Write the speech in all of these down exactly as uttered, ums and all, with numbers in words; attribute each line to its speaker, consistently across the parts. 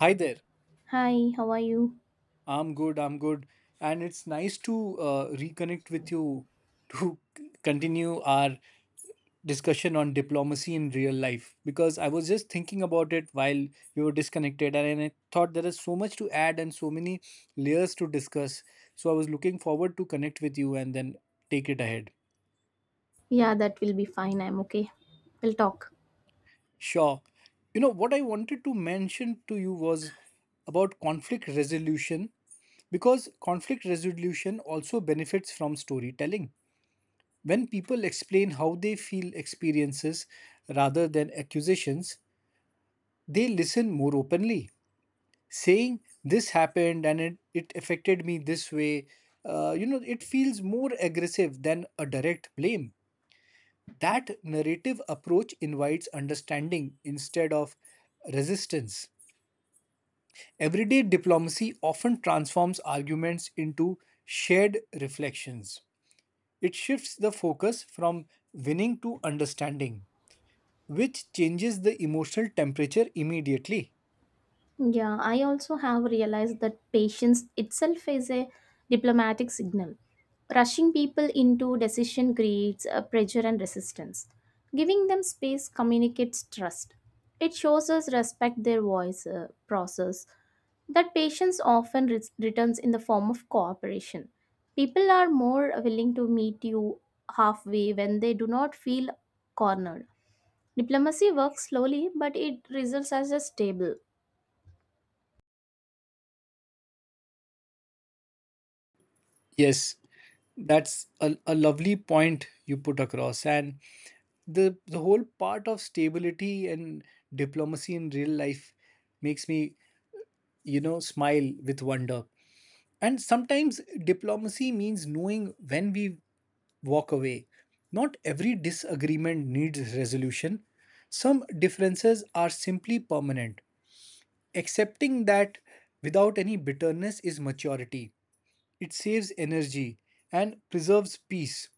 Speaker 1: Hi there.
Speaker 2: Hi, how are you?
Speaker 1: I'm good. I'm good. And it's nice to uh, reconnect with you to c- continue our discussion on diplomacy in real life because I was just thinking about it while we were disconnected and I thought there is so much to add and so many layers to discuss. So I was looking forward to connect with you and then take it ahead.
Speaker 2: Yeah, that will be fine. I'm okay. We'll talk.
Speaker 1: Sure. You know, what I wanted to mention to you was about conflict resolution because conflict resolution also benefits from storytelling. When people explain how they feel experiences rather than accusations, they listen more openly. Saying this happened and it, it affected me this way, uh, you know, it feels more aggressive than a direct blame. That narrative approach invites understanding instead of resistance. Everyday diplomacy often transforms arguments into shared reflections. It shifts the focus from winning to understanding, which changes the emotional temperature immediately.
Speaker 2: Yeah, I also have realized that patience itself is a diplomatic signal. Rushing people into decision creates a pressure and resistance. Giving them space communicates trust. It shows us respect their voice uh, process. That patience often re- returns in the form of cooperation. People are more willing to meet you halfway when they do not feel cornered. Diplomacy works slowly, but it results as a stable.
Speaker 1: Yes, that's a, a lovely point you put across. And the, the whole part of stability and diplomacy in real life makes me, you know, smile with wonder. And sometimes diplomacy means knowing when we walk away. Not every disagreement needs resolution. Some differences are simply permanent. Accepting that without any bitterness is maturity. It saves energy and preserves peace.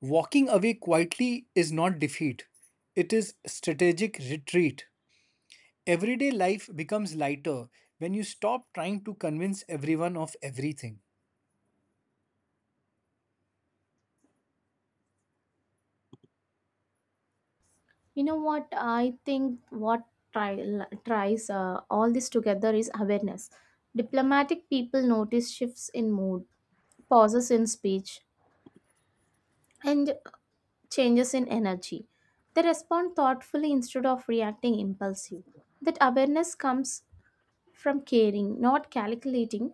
Speaker 1: Walking away quietly is not defeat, it is strategic retreat. Everyday life becomes lighter when you stop trying to convince everyone of everything.
Speaker 2: You know what? I think what try, tries uh, all this together is awareness. Diplomatic people notice shifts in mood, pauses in speech, and changes in energy. They respond thoughtfully instead of reacting impulsive. That awareness comes from caring, not calculating.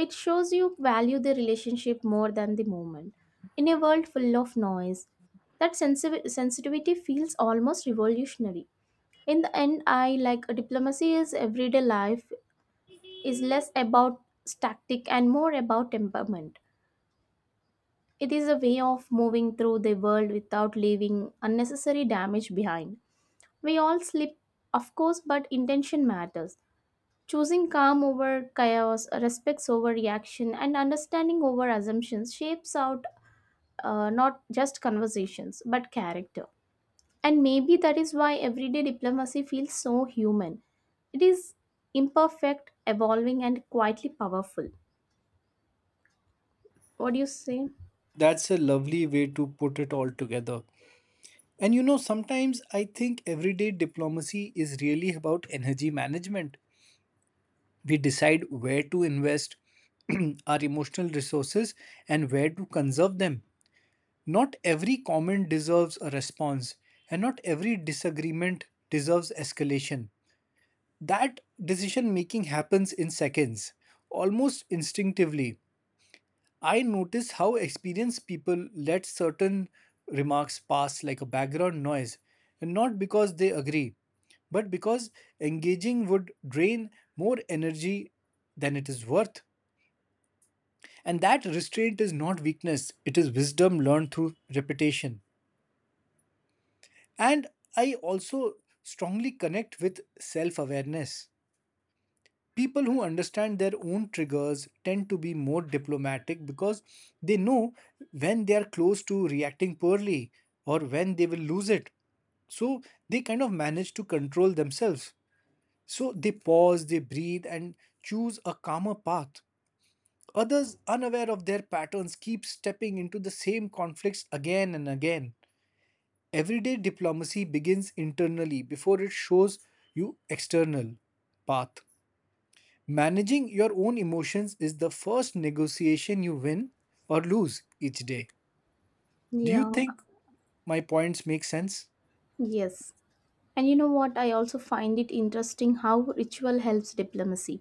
Speaker 2: It shows you value the relationship more than the moment. In a world full of noise, that sensi- sensitivity feels almost revolutionary. In the end, I like diplomacy is everyday life is less about static and more about temperament. It is a way of moving through the world without leaving unnecessary damage behind. We all slip, of course, but intention matters. Choosing calm over chaos, respects over reaction, and understanding over assumptions shapes out, uh, not just conversations but character. And maybe that is why everyday diplomacy feels so human. It is imperfect, evolving, and quietly powerful. What do you say?
Speaker 1: That's a lovely way to put it all together. And you know, sometimes I think everyday diplomacy is really about energy management. We decide where to invest our emotional resources and where to conserve them. Not every comment deserves a response, and not every disagreement deserves escalation. That decision making happens in seconds, almost instinctively. I notice how experienced people let certain remarks pass like a background noise, and not because they agree, but because engaging would drain more energy than it is worth. And that restraint is not weakness, it is wisdom learned through repetition. And I also strongly connect with self awareness. People who understand their own triggers tend to be more diplomatic because they know when they are close to reacting poorly or when they will lose it. So they kind of manage to control themselves. So they pause, they breathe, and choose a calmer path. Others, unaware of their patterns, keep stepping into the same conflicts again and again. Everyday diplomacy begins internally before it shows you external path. Managing your own emotions is the first negotiation you win or lose each day. Do you
Speaker 2: Yeah,
Speaker 1: think my points make sense?
Speaker 2: yes. And you know what? I also find it interesting how ritual helps diplomacy.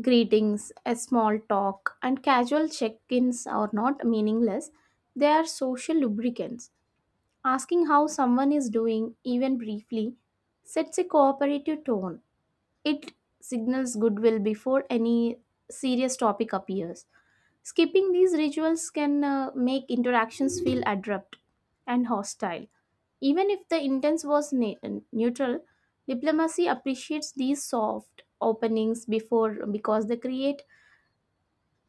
Speaker 2: Greetings, a small talk, and casual check ins are not meaningless. They are social lubricants. Asking how someone is doing, even briefly, sets a cooperative tone. It signals goodwill before any serious topic appears. Skipping these rituals can uh, make interactions feel abrupt and hostile. Even if the intent was ne- neutral, diplomacy appreciates these soft openings before because they create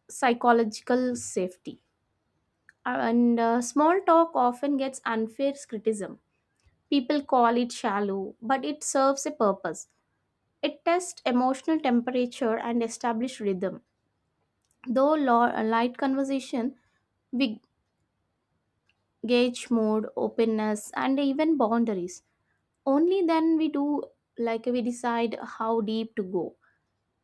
Speaker 2: psychological safety. And uh, small talk often gets unfair criticism. People call it shallow, but it serves a purpose. It tests emotional temperature and establishes rhythm. Though lo- a light conversation, we gauge mood, openness, and even boundaries. Only then we do, like we decide how deep to go.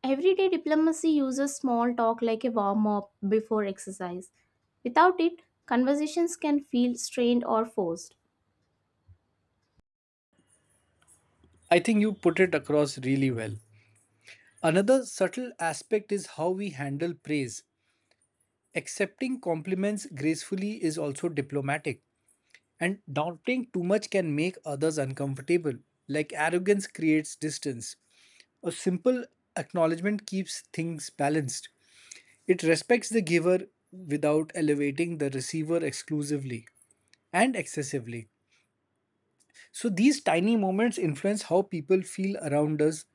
Speaker 2: Everyday diplomacy uses small talk like a warm up before exercise. Without it, conversations can feel strained or forced.
Speaker 1: I think you put it across really well. Another subtle aspect is how we handle praise. Accepting compliments gracefully is also diplomatic. And doubting too much can make others uncomfortable, like arrogance creates distance. A simple acknowledgement keeps things balanced. It respects the giver without elevating the receiver exclusively and excessively. So these tiny moments influence how people feel around us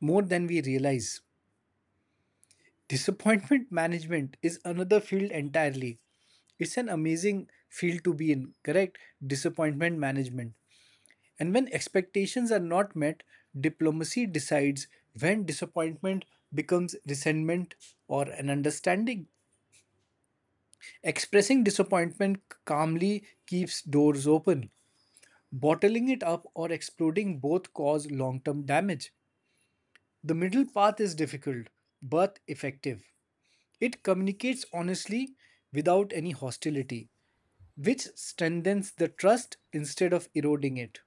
Speaker 1: more than we realize. Disappointment management is another field entirely. It's an amazing field to be in, correct? Disappointment management. And when expectations are not met, diplomacy decides when disappointment becomes resentment or an understanding. Expressing disappointment calmly keeps doors open. Bottling it up or exploding both cause long term damage. The middle path is difficult but effective. It communicates honestly without any hostility, which strengthens the trust instead of eroding it.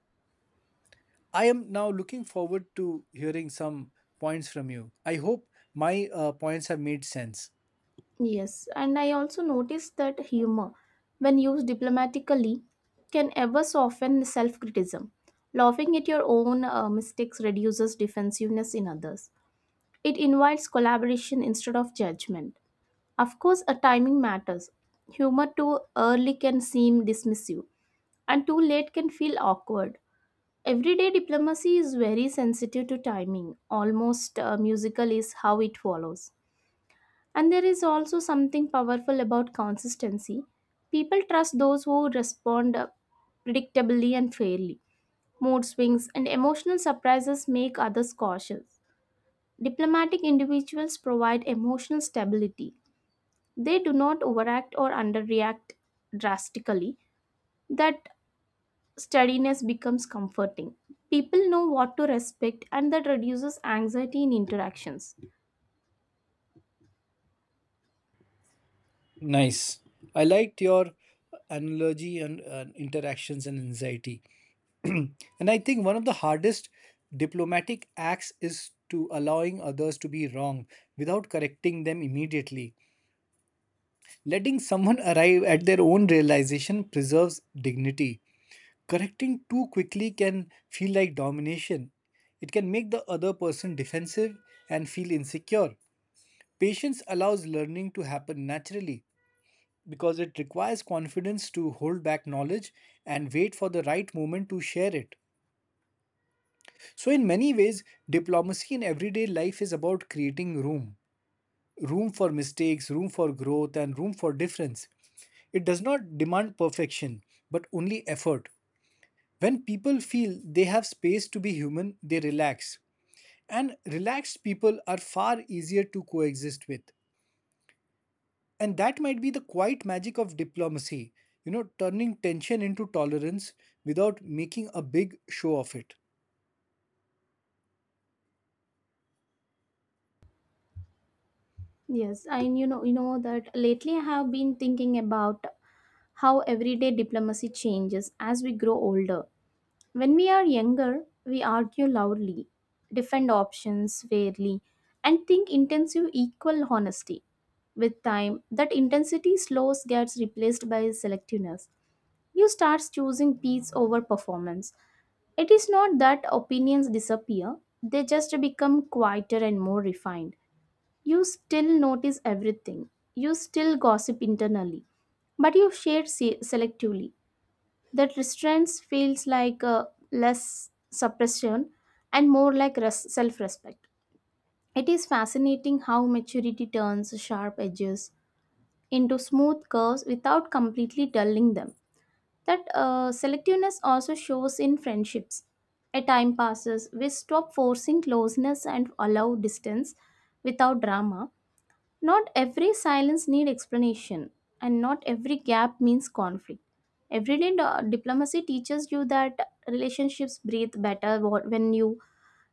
Speaker 1: I am now looking forward to hearing some points from you. I hope my uh, points have made sense.
Speaker 2: Yes, and I also noticed that humor, when used diplomatically, can ever soften self criticism. Laughing at your own uh, mistakes reduces defensiveness in others. It invites collaboration instead of judgment. Of course, a timing matters. Humor too early can seem dismissive, and too late can feel awkward. Everyday diplomacy is very sensitive to timing, almost uh, musical is how it follows. And there is also something powerful about consistency. People trust those who respond uh, predictably and fairly. Mood swings and emotional surprises make others cautious. Diplomatic individuals provide emotional stability. They do not overact or underreact drastically. That steadiness becomes comforting. People know what to respect and that reduces anxiety in interactions.
Speaker 1: Nice. I liked your analogy and uh, interactions and anxiety. and I think one of the hardest diplomatic acts is to allowing others to be wrong without correcting them immediately. Letting someone arrive at their own realization preserves dignity. Correcting too quickly can feel like domination. It can make the other person defensive and feel insecure. Patience allows learning to happen naturally because it requires confidence to hold back knowledge and wait for the right moment to share it. So, in many ways, diplomacy in everyday life is about creating room. Room for mistakes, room for growth, and room for difference. It does not demand perfection, but only effort. When people feel they have space to be human, they relax. And relaxed people are far easier to coexist with. And that might be the quiet magic of diplomacy, you know, turning tension into tolerance without making a big show of it.
Speaker 2: Yes, and you know you know that lately I have been thinking about how everyday diplomacy changes as we grow older. When we are younger, we argue loudly, defend options fairly, and think intensive equal honesty. With time, that intensity slows gets replaced by selectiveness. You start choosing peace over performance. It is not that opinions disappear, they just become quieter and more refined. You still notice everything, you still gossip internally, but you share se- selectively. That restraint feels like, uh, less suppression and more like res- self respect. It is fascinating how maturity turns sharp edges into smooth curves without completely dulling them. That uh, selectiveness also shows in friendships. A time passes, we stop forcing closeness and allow distance without drama. Not every silence needs explanation, and not every gap means conflict. Everyday di- diplomacy teaches you that relationships breathe better wh- when you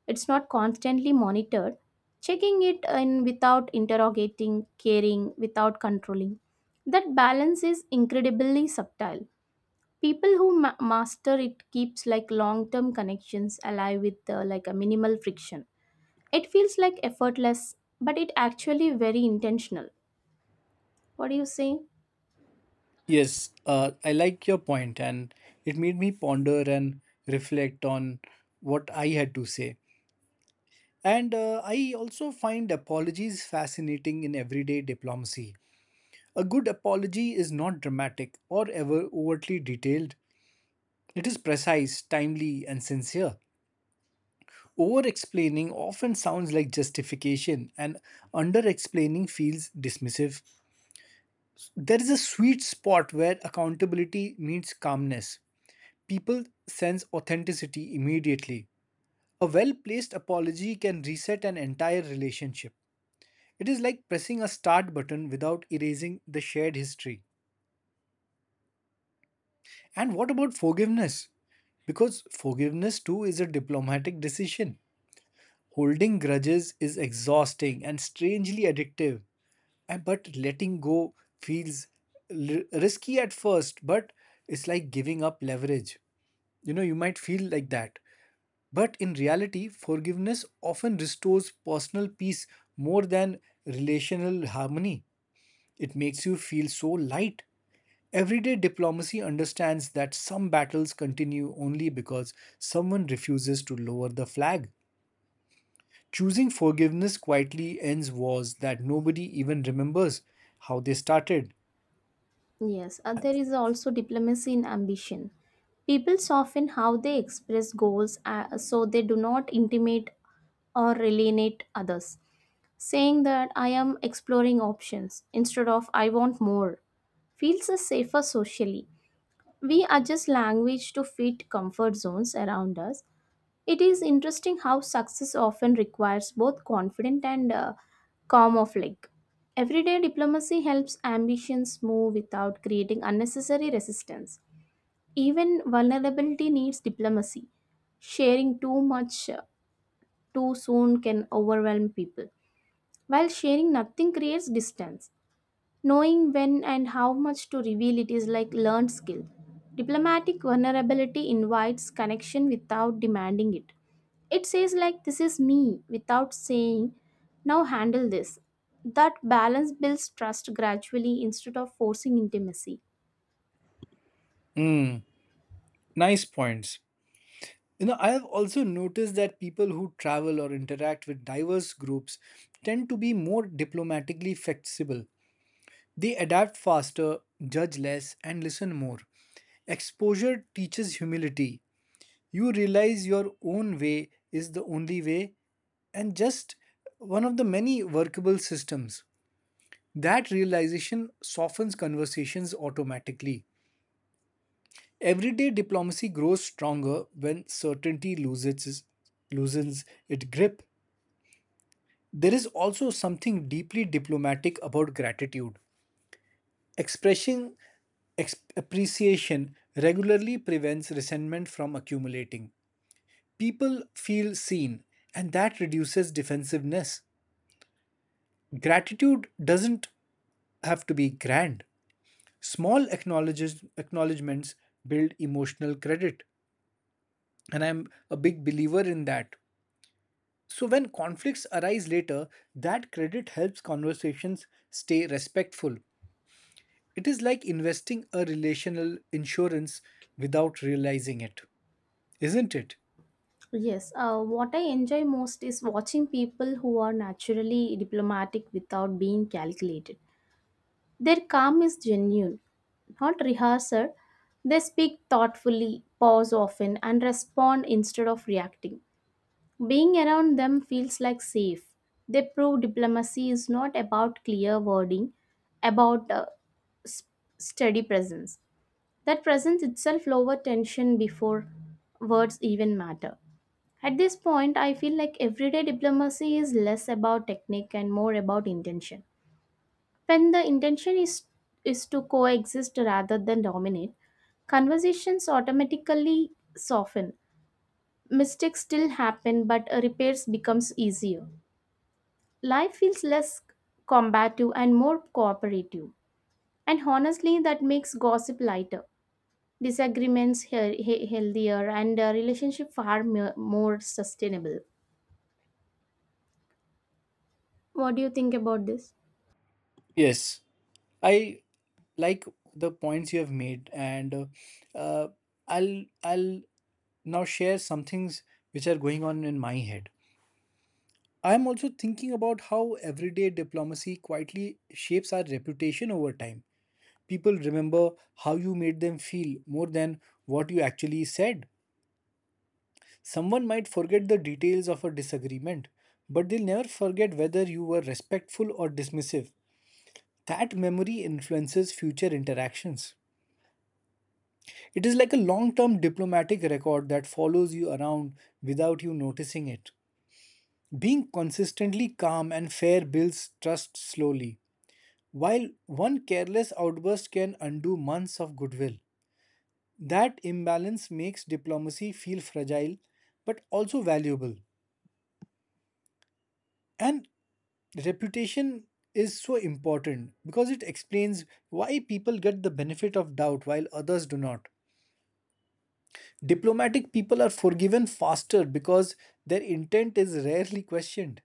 Speaker 2: it's not constantly monitored. Checking it in without interrogating, caring without controlling. That balance is incredibly subtle. People who ma- master it keeps like long term connections alive with, uh, like a minimal friction. It feels like effortless, but it actually very intentional. What do you say?
Speaker 1: Yes, uh, I like your point, and it made me ponder and reflect on what I had to say. And uh, I also find apologies fascinating in everyday diplomacy. A good apology is not dramatic or ever overtly detailed. It is precise, timely, and sincere. Over explaining often sounds like justification, and under explaining feels dismissive. There is a sweet spot where accountability meets calmness. People sense authenticity immediately. A well placed apology can reset an entire relationship. It is like pressing a start button without erasing the shared history. And what about forgiveness? Because forgiveness too is a diplomatic decision. Holding grudges is exhausting and strangely addictive, and- but letting go feels l- risky at first, but it's like giving up leverage. You know, you might feel like that. But in reality, forgiveness often restores personal peace more than relational harmony. It makes you feel so light. Everyday diplomacy understands that some battles continue only because someone refuses to lower the flag. Choosing forgiveness quietly ends wars that nobody even remembers how they started.
Speaker 2: Yes, uh, there is also diplomacy in ambition. People soften how they express goals, uh, so they do not intimate or alienate others. Saying that I am exploring options instead of I want more feels a safer socially. We adjust language to fit comfort zones around us. It is interesting how success often requires both confident and, uh, calm like. Everyday diplomacy helps ambitions move without creating unnecessary resistance. Even vulnerability needs diplomacy. Sharing too much, uh, too soon can overwhelm people, while sharing nothing creates distance. Knowing when and how much to reveal it is like learned skill. Diplomatic vulnerability invites connection without demanding it. It says like this is me without saying now handle this. That balance builds trust gradually instead of forcing intimacy.
Speaker 1: Mm, nice points. You know, I have also noticed that people who travel or interact with diverse groups tend to be more diplomatically flexible. They adapt faster, judge less, and listen more. Exposure teaches humility. You realize your own way is the only way and just one of the many workable systems. That realization softens conversations automatically. Everyday diplomacy grows stronger when certainty loses, loosens its grip. There is also something deeply diplomatic about gratitude. Expressing ex- appreciation regularly prevents resentment from accumulating. People feel seen, and that reduces defensiveness. Gratitude doesn't have to be grand. Small acknowledges, acknowledgements build emotional credit, and I'm a big believer in that. So, when conflicts arise later, that credit helps conversations stay respectful. It is like investing a relational insurance without realizing it. Isn't it?
Speaker 2: Yes, uh, what I enjoy most is watching people who are naturally diplomatic without being calculated. Their calm is genuine, not rehearsed. They speak thoughtfully, pause often, and respond instead of reacting. Being around them feels like safe. They prove diplomacy is not about clear wording, about, uh, s- steady presence. That presence itself lowers tension before words even matter. At this point, I feel like everyday diplomacy is less about technique and more about intention. When the intention is, is to coexist rather than dominate, conversations automatically soften. Mistakes still happen, but repairs becomes easier. Life feels less combative and more cooperative. And honestly, that makes gossip lighter, disagreements he- he- healthier, and, uh, relationship far mo- more sustainable. What do you think about this?
Speaker 1: Yes, I like the points you have made, and uh, I'll I'll now share some things which are going on in my head. I'm also thinking about how everyday diplomacy quietly shapes our reputation over time. People remember how you made them feel more than what you actually said. Someone might forget the details of a disagreement, but they'll never forget whether you were respectful or dismissive. That memory influences future interactions. It is like a long term diplomatic record that follows you around without you noticing it. Being consistently calm and fair builds trust slowly, while one careless outburst can undo months of goodwill. That imbalance makes diplomacy feel fragile but also valuable. And reputation is so important because it explains why people get the benefit of doubt while others do not. Diplomatic people are forgiven faster because their intent is rarely questioned.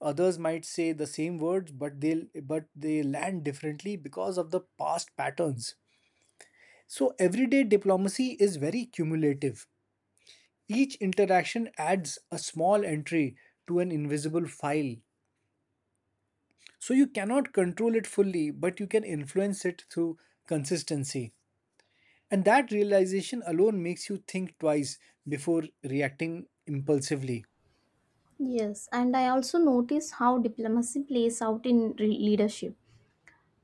Speaker 1: Others might say the same words, but they'll but they land differently because of the past patterns. So everyday diplomacy is very cumulative. Each interaction adds a small entry to an invisible file. So you cannot control it fully, but you can influence it through consistency. And that realization alone makes you think twice before reacting impulsively.
Speaker 2: Yes, and I also notice how diplomacy plays out in re- leadership.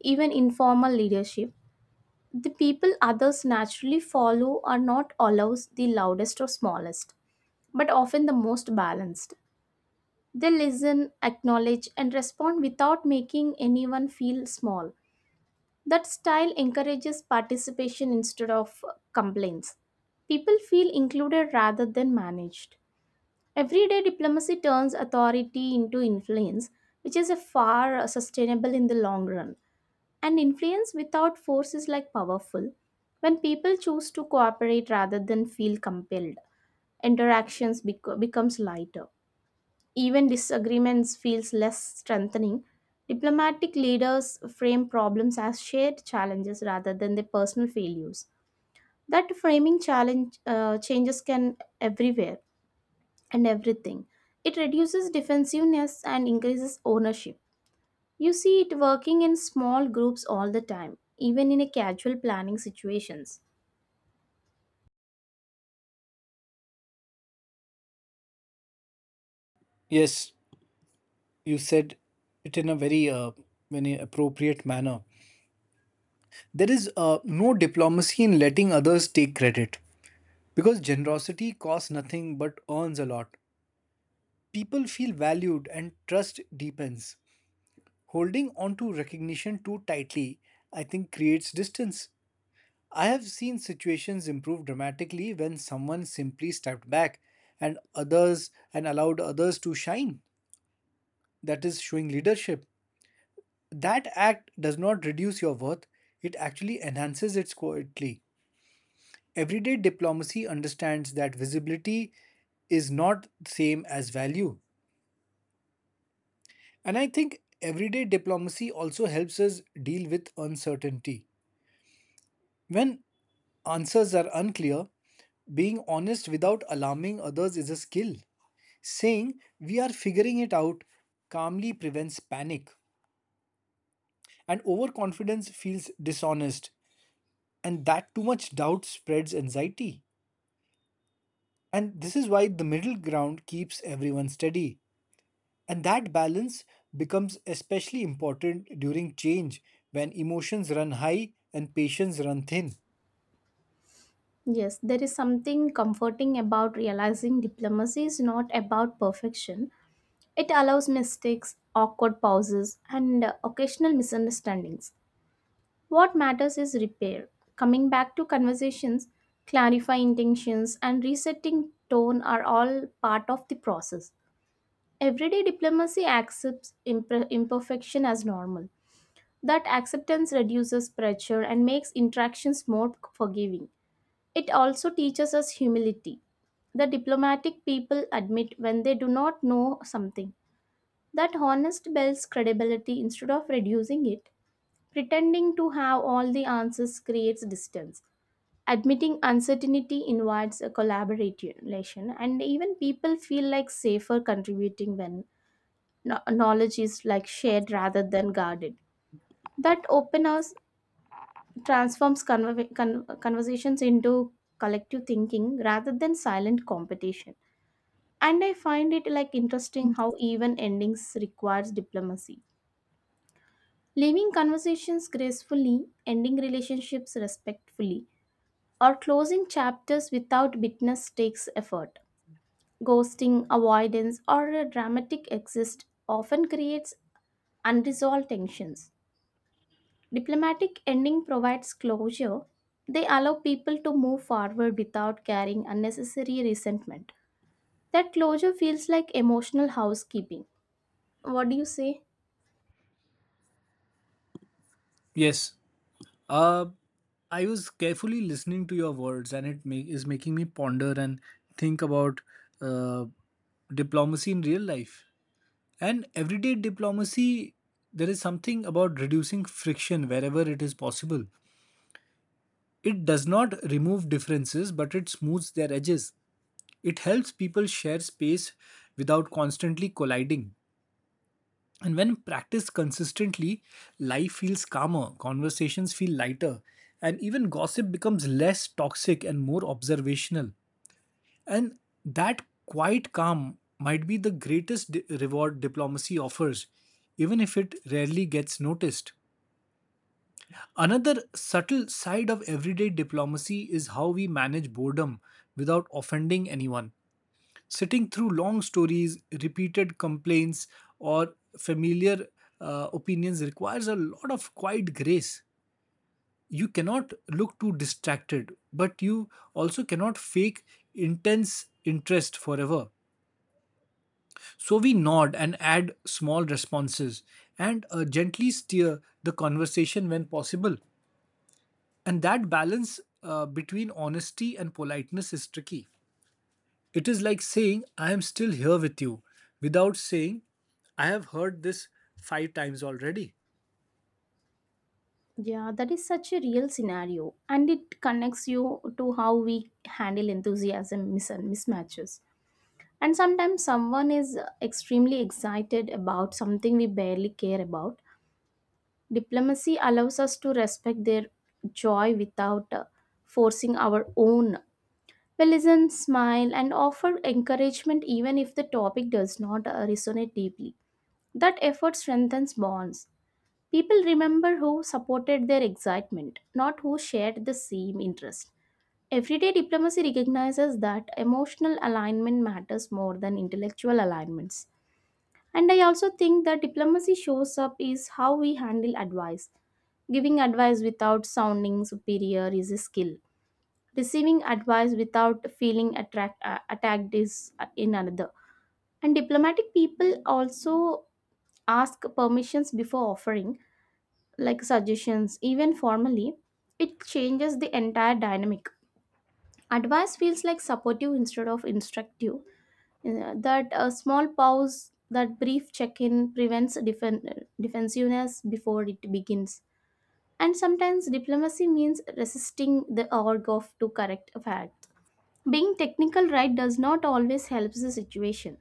Speaker 2: Even informal leadership, the people others naturally follow are not always the loudest or smallest, but often the most balanced. They listen, acknowledge, and respond without making anyone feel small. That style encourages participation instead of complaints. People feel included rather than managed. Everyday diplomacy turns authority into influence, which is a far sustainable in the long run. And influence without force is like powerful. When people choose to cooperate rather than feel compelled, interactions bec- becomes lighter. Even disagreements feels less strengthening. Diplomatic leaders frame problems as shared challenges rather than their personal failures. That framing challenge, uh, changes can everywhere and everything. It reduces defensiveness and increases ownership. You see it working in small groups all the time, even in a casual planning situations.
Speaker 1: Yes, you said it in a very uh, very appropriate manner. There is uh, no diplomacy in letting others take credit because generosity costs nothing but earns a lot. People feel valued and trust deepens. Holding on to recognition too tightly, I think, creates distance. I have seen situations improve dramatically when someone simply stepped back and others and allowed others to shine. That is showing leadership. That act does not reduce your worth, it actually enhances it quietly. Everyday diplomacy understands that visibility is not same as value. And I think everyday diplomacy also helps us deal with uncertainty. When answers are unclear, being honest without alarming others is a skill. Saying we are figuring it out calmly prevents panic, and overconfidence feels dishonest, and that too much doubt spreads anxiety. And this is why the middle ground keeps everyone steady. And that balance becomes especially important during change when emotions run high and patience run thin.
Speaker 2: Yes, there is something comforting about realizing diplomacy is not about perfection. It allows mistakes, awkward pauses, and, uh, occasional misunderstandings. What matters is repair, coming back to conversations, clarifying intentions, and resetting tone are all part of the process. Everyday diplomacy accepts imper- imperfection as normal. That acceptance reduces pressure and makes interactions more forgiving. It also teaches us humility. The diplomatic people admit when they do not know something. That honest builds credibility instead of reducing it. Pretending to have all the answers creates distance. Admitting uncertainty invites a collaboration, and even people feel like safer contributing when kno- knowledge is like shared rather than guarded. That openness transforms conver- con- conversations into collective thinking rather than silent competition. And I find it like interesting how even endings requires diplomacy. Leaving conversations gracefully, ending relationships respectfully, or closing chapters without bitterness takes effort. Ghosting avoidance or a dramatic exit often creates unresolved tensions. Diplomatic ending provides closure. They allow people to move forward without carrying unnecessary resentment. That closure feels like emotional housekeeping. What do you say?
Speaker 1: Yes. Uh, I was carefully listening to your words, and it ma- is making me ponder and think about uh, diplomacy in real life. And everyday diplomacy, there is something about reducing friction wherever it is possible. It does not remove differences, but it smooths their edges. It helps people share space without constantly colliding. And when practiced consistently, life feels calmer, conversations feel lighter, and even gossip becomes less toxic and more observational. And that quiet calm might be the greatest di- reward diplomacy offers, even if it rarely gets noticed. Another subtle side of everyday diplomacy is how we manage boredom without offending anyone. Sitting through long stories, repeated complaints, or familiar uh, opinions requires a lot of quiet grace. You cannot look too distracted, but you also cannot fake intense interest forever. So we nod and add small responses and uh, gently steer the conversation when possible. And that balance uh, between honesty and politeness is tricky. It is like saying, I am still here with you, without saying, I have heard this five times already.
Speaker 2: Yeah, that is such a real scenario, and it connects you to how we handle enthusiasm mis- mismatches. And sometimes someone is extremely excited about something we barely care about. Diplomacy allows us to respect their joy without, uh, forcing our own. We listen, smile, and offer encouragement even if the topic does not, uh, resonate deeply. That effort strengthens bonds. People remember who supported their excitement, not who shared the same interest. Everyday diplomacy recognizes that emotional alignment matters more than intellectual alignments. And I also think that diplomacy shows up is how we handle advice. Giving advice without sounding superior is a skill. Receiving advice without feeling attract, uh, attacked is, uh, in another. And diplomatic people also ask permissions before offering, like suggestions, even formally. It changes the entire dynamic. Advice feels like supportive instead of instructive. Uh, That a small pause, that brief check in prevents defen- uh, defensiveness before it begins. And sometimes diplomacy means resisting the urge of to correct a fact. Being technical right does not always help the situation.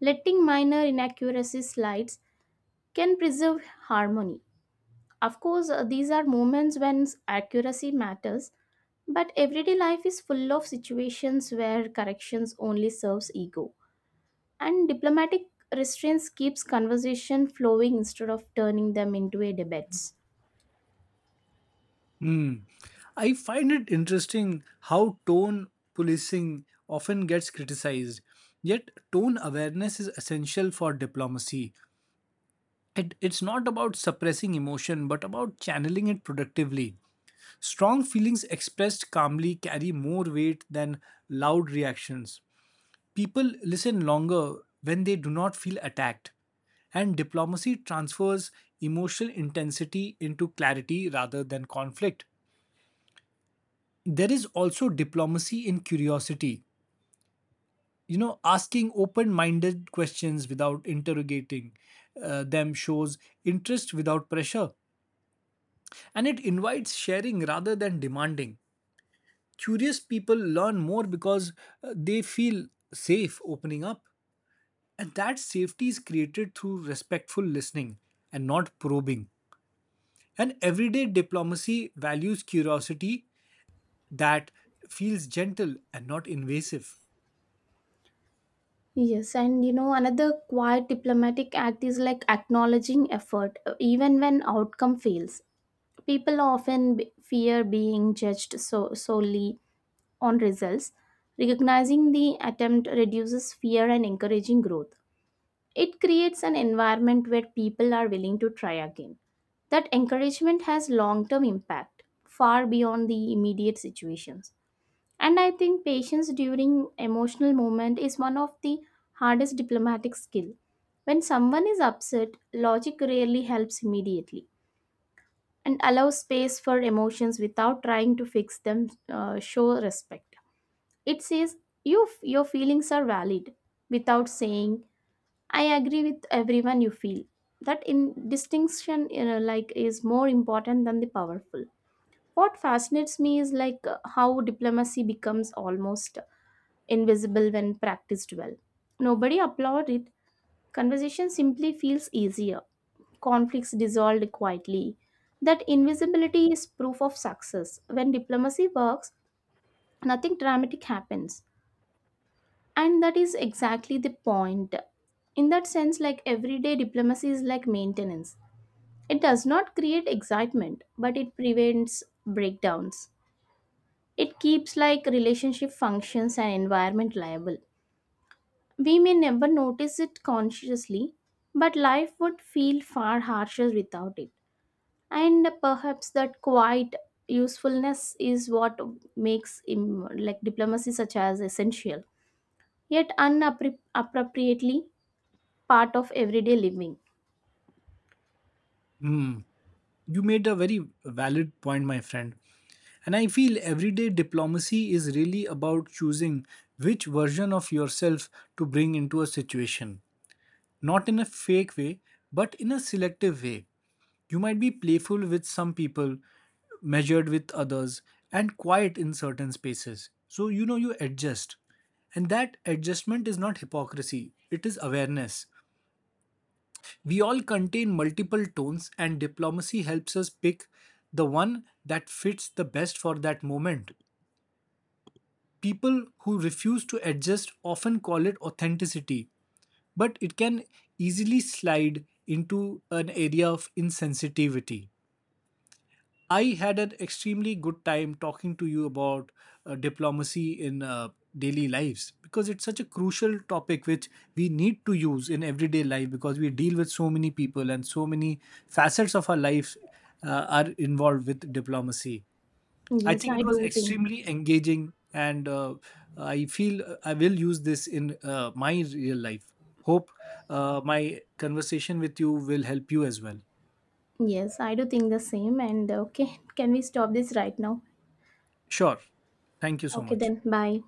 Speaker 2: Letting minor inaccuracies slide can preserve harmony. Of course, uh, these are moments when accuracy matters, but everyday life is full of situations where corrections only serves ego. And diplomatic restraints keeps conversation flowing instead of turning them into a debates.
Speaker 1: I find it interesting how tone policing often gets criticized. Yet, tone awareness is essential for diplomacy. It, it's not about suppressing emotion, but about channeling it productively. Strong feelings expressed calmly carry more weight than loud reactions. People listen longer when they do not feel attacked, and diplomacy transfers emotional intensity into clarity rather than conflict. There is also diplomacy in curiosity, you know, asking open minded questions without interrogating uh, them shows interest without pressure, and it invites sharing rather than demanding. Curious people learn more because uh, they feel safe opening up. And that safety is created through respectful listening and not probing. And everyday diplomacy values curiosity that feels gentle and not invasive.
Speaker 2: Yes, and you know, another quiet diplomatic act is like acknowledging effort, uh, even when outcome fails. People often b- fear being judged so- solely on results. Recognizing the attempt reduces fear and encouraging growth. It creates an environment where people are willing to try again. That encouragement has long term impact, far beyond the immediate situations. And I think patience during emotional moment is one of the hardest diplomatic skill. When someone is upset, logic rarely helps immediately and allow space for emotions without trying to fix them, uh, show respect. It says you your feelings are valid without saying I agree with everyone you feel. That in distinction, you know, like is more important than the powerful. What fascinates me is like, uh, how diplomacy becomes almost invisible when practiced well. Nobody applaud it. Conversation simply feels easier. Conflicts dissolved quietly. That invisibility is proof of success. When diplomacy works, nothing dramatic happens. And that is exactly the point. In that sense, like everyday diplomacy is like maintenance. It does not create excitement, but it prevents breakdowns. It keeps like relationship functions and environment liable. We may never notice it consciously, but life would feel far harsher without it. And perhaps that quiet usefulness is what makes im- like diplomacy such as essential, yet unappropriately part of everyday living.
Speaker 1: Hmm. You made a very valid point, my friend. And I feel everyday diplomacy is really about choosing which version of yourself to bring into a situation. Not in a fake way, but in a selective way. You might be playful with some people, measured with others, and quiet in certain spaces. So, you know, you adjust. And that adjustment is not hypocrisy, it is awareness. We all contain multiple tones, and diplomacy helps us pick the one that fits the best for that moment. People who refuse to adjust often call it authenticity, but it can easily slide into an area of insensitivity. I had an extremely good time talking to you about uh, diplomacy in uh, daily lives because it's such a crucial topic which we need to use in everyday life because we deal with so many people and so many facets of our lives uh, are involved with diplomacy. I
Speaker 2: Yes,
Speaker 1: think
Speaker 2: I
Speaker 1: it was
Speaker 2: do think.
Speaker 1: extremely engaging and uh, I feel uh, I will use this in uh, my real life. Hope uh, my conversation with you will help you as well.
Speaker 2: Yes, I do think the same. And okay, can we stop this right now?
Speaker 1: Sure. Thank you so
Speaker 2: Okay,
Speaker 1: much.
Speaker 2: then, bye.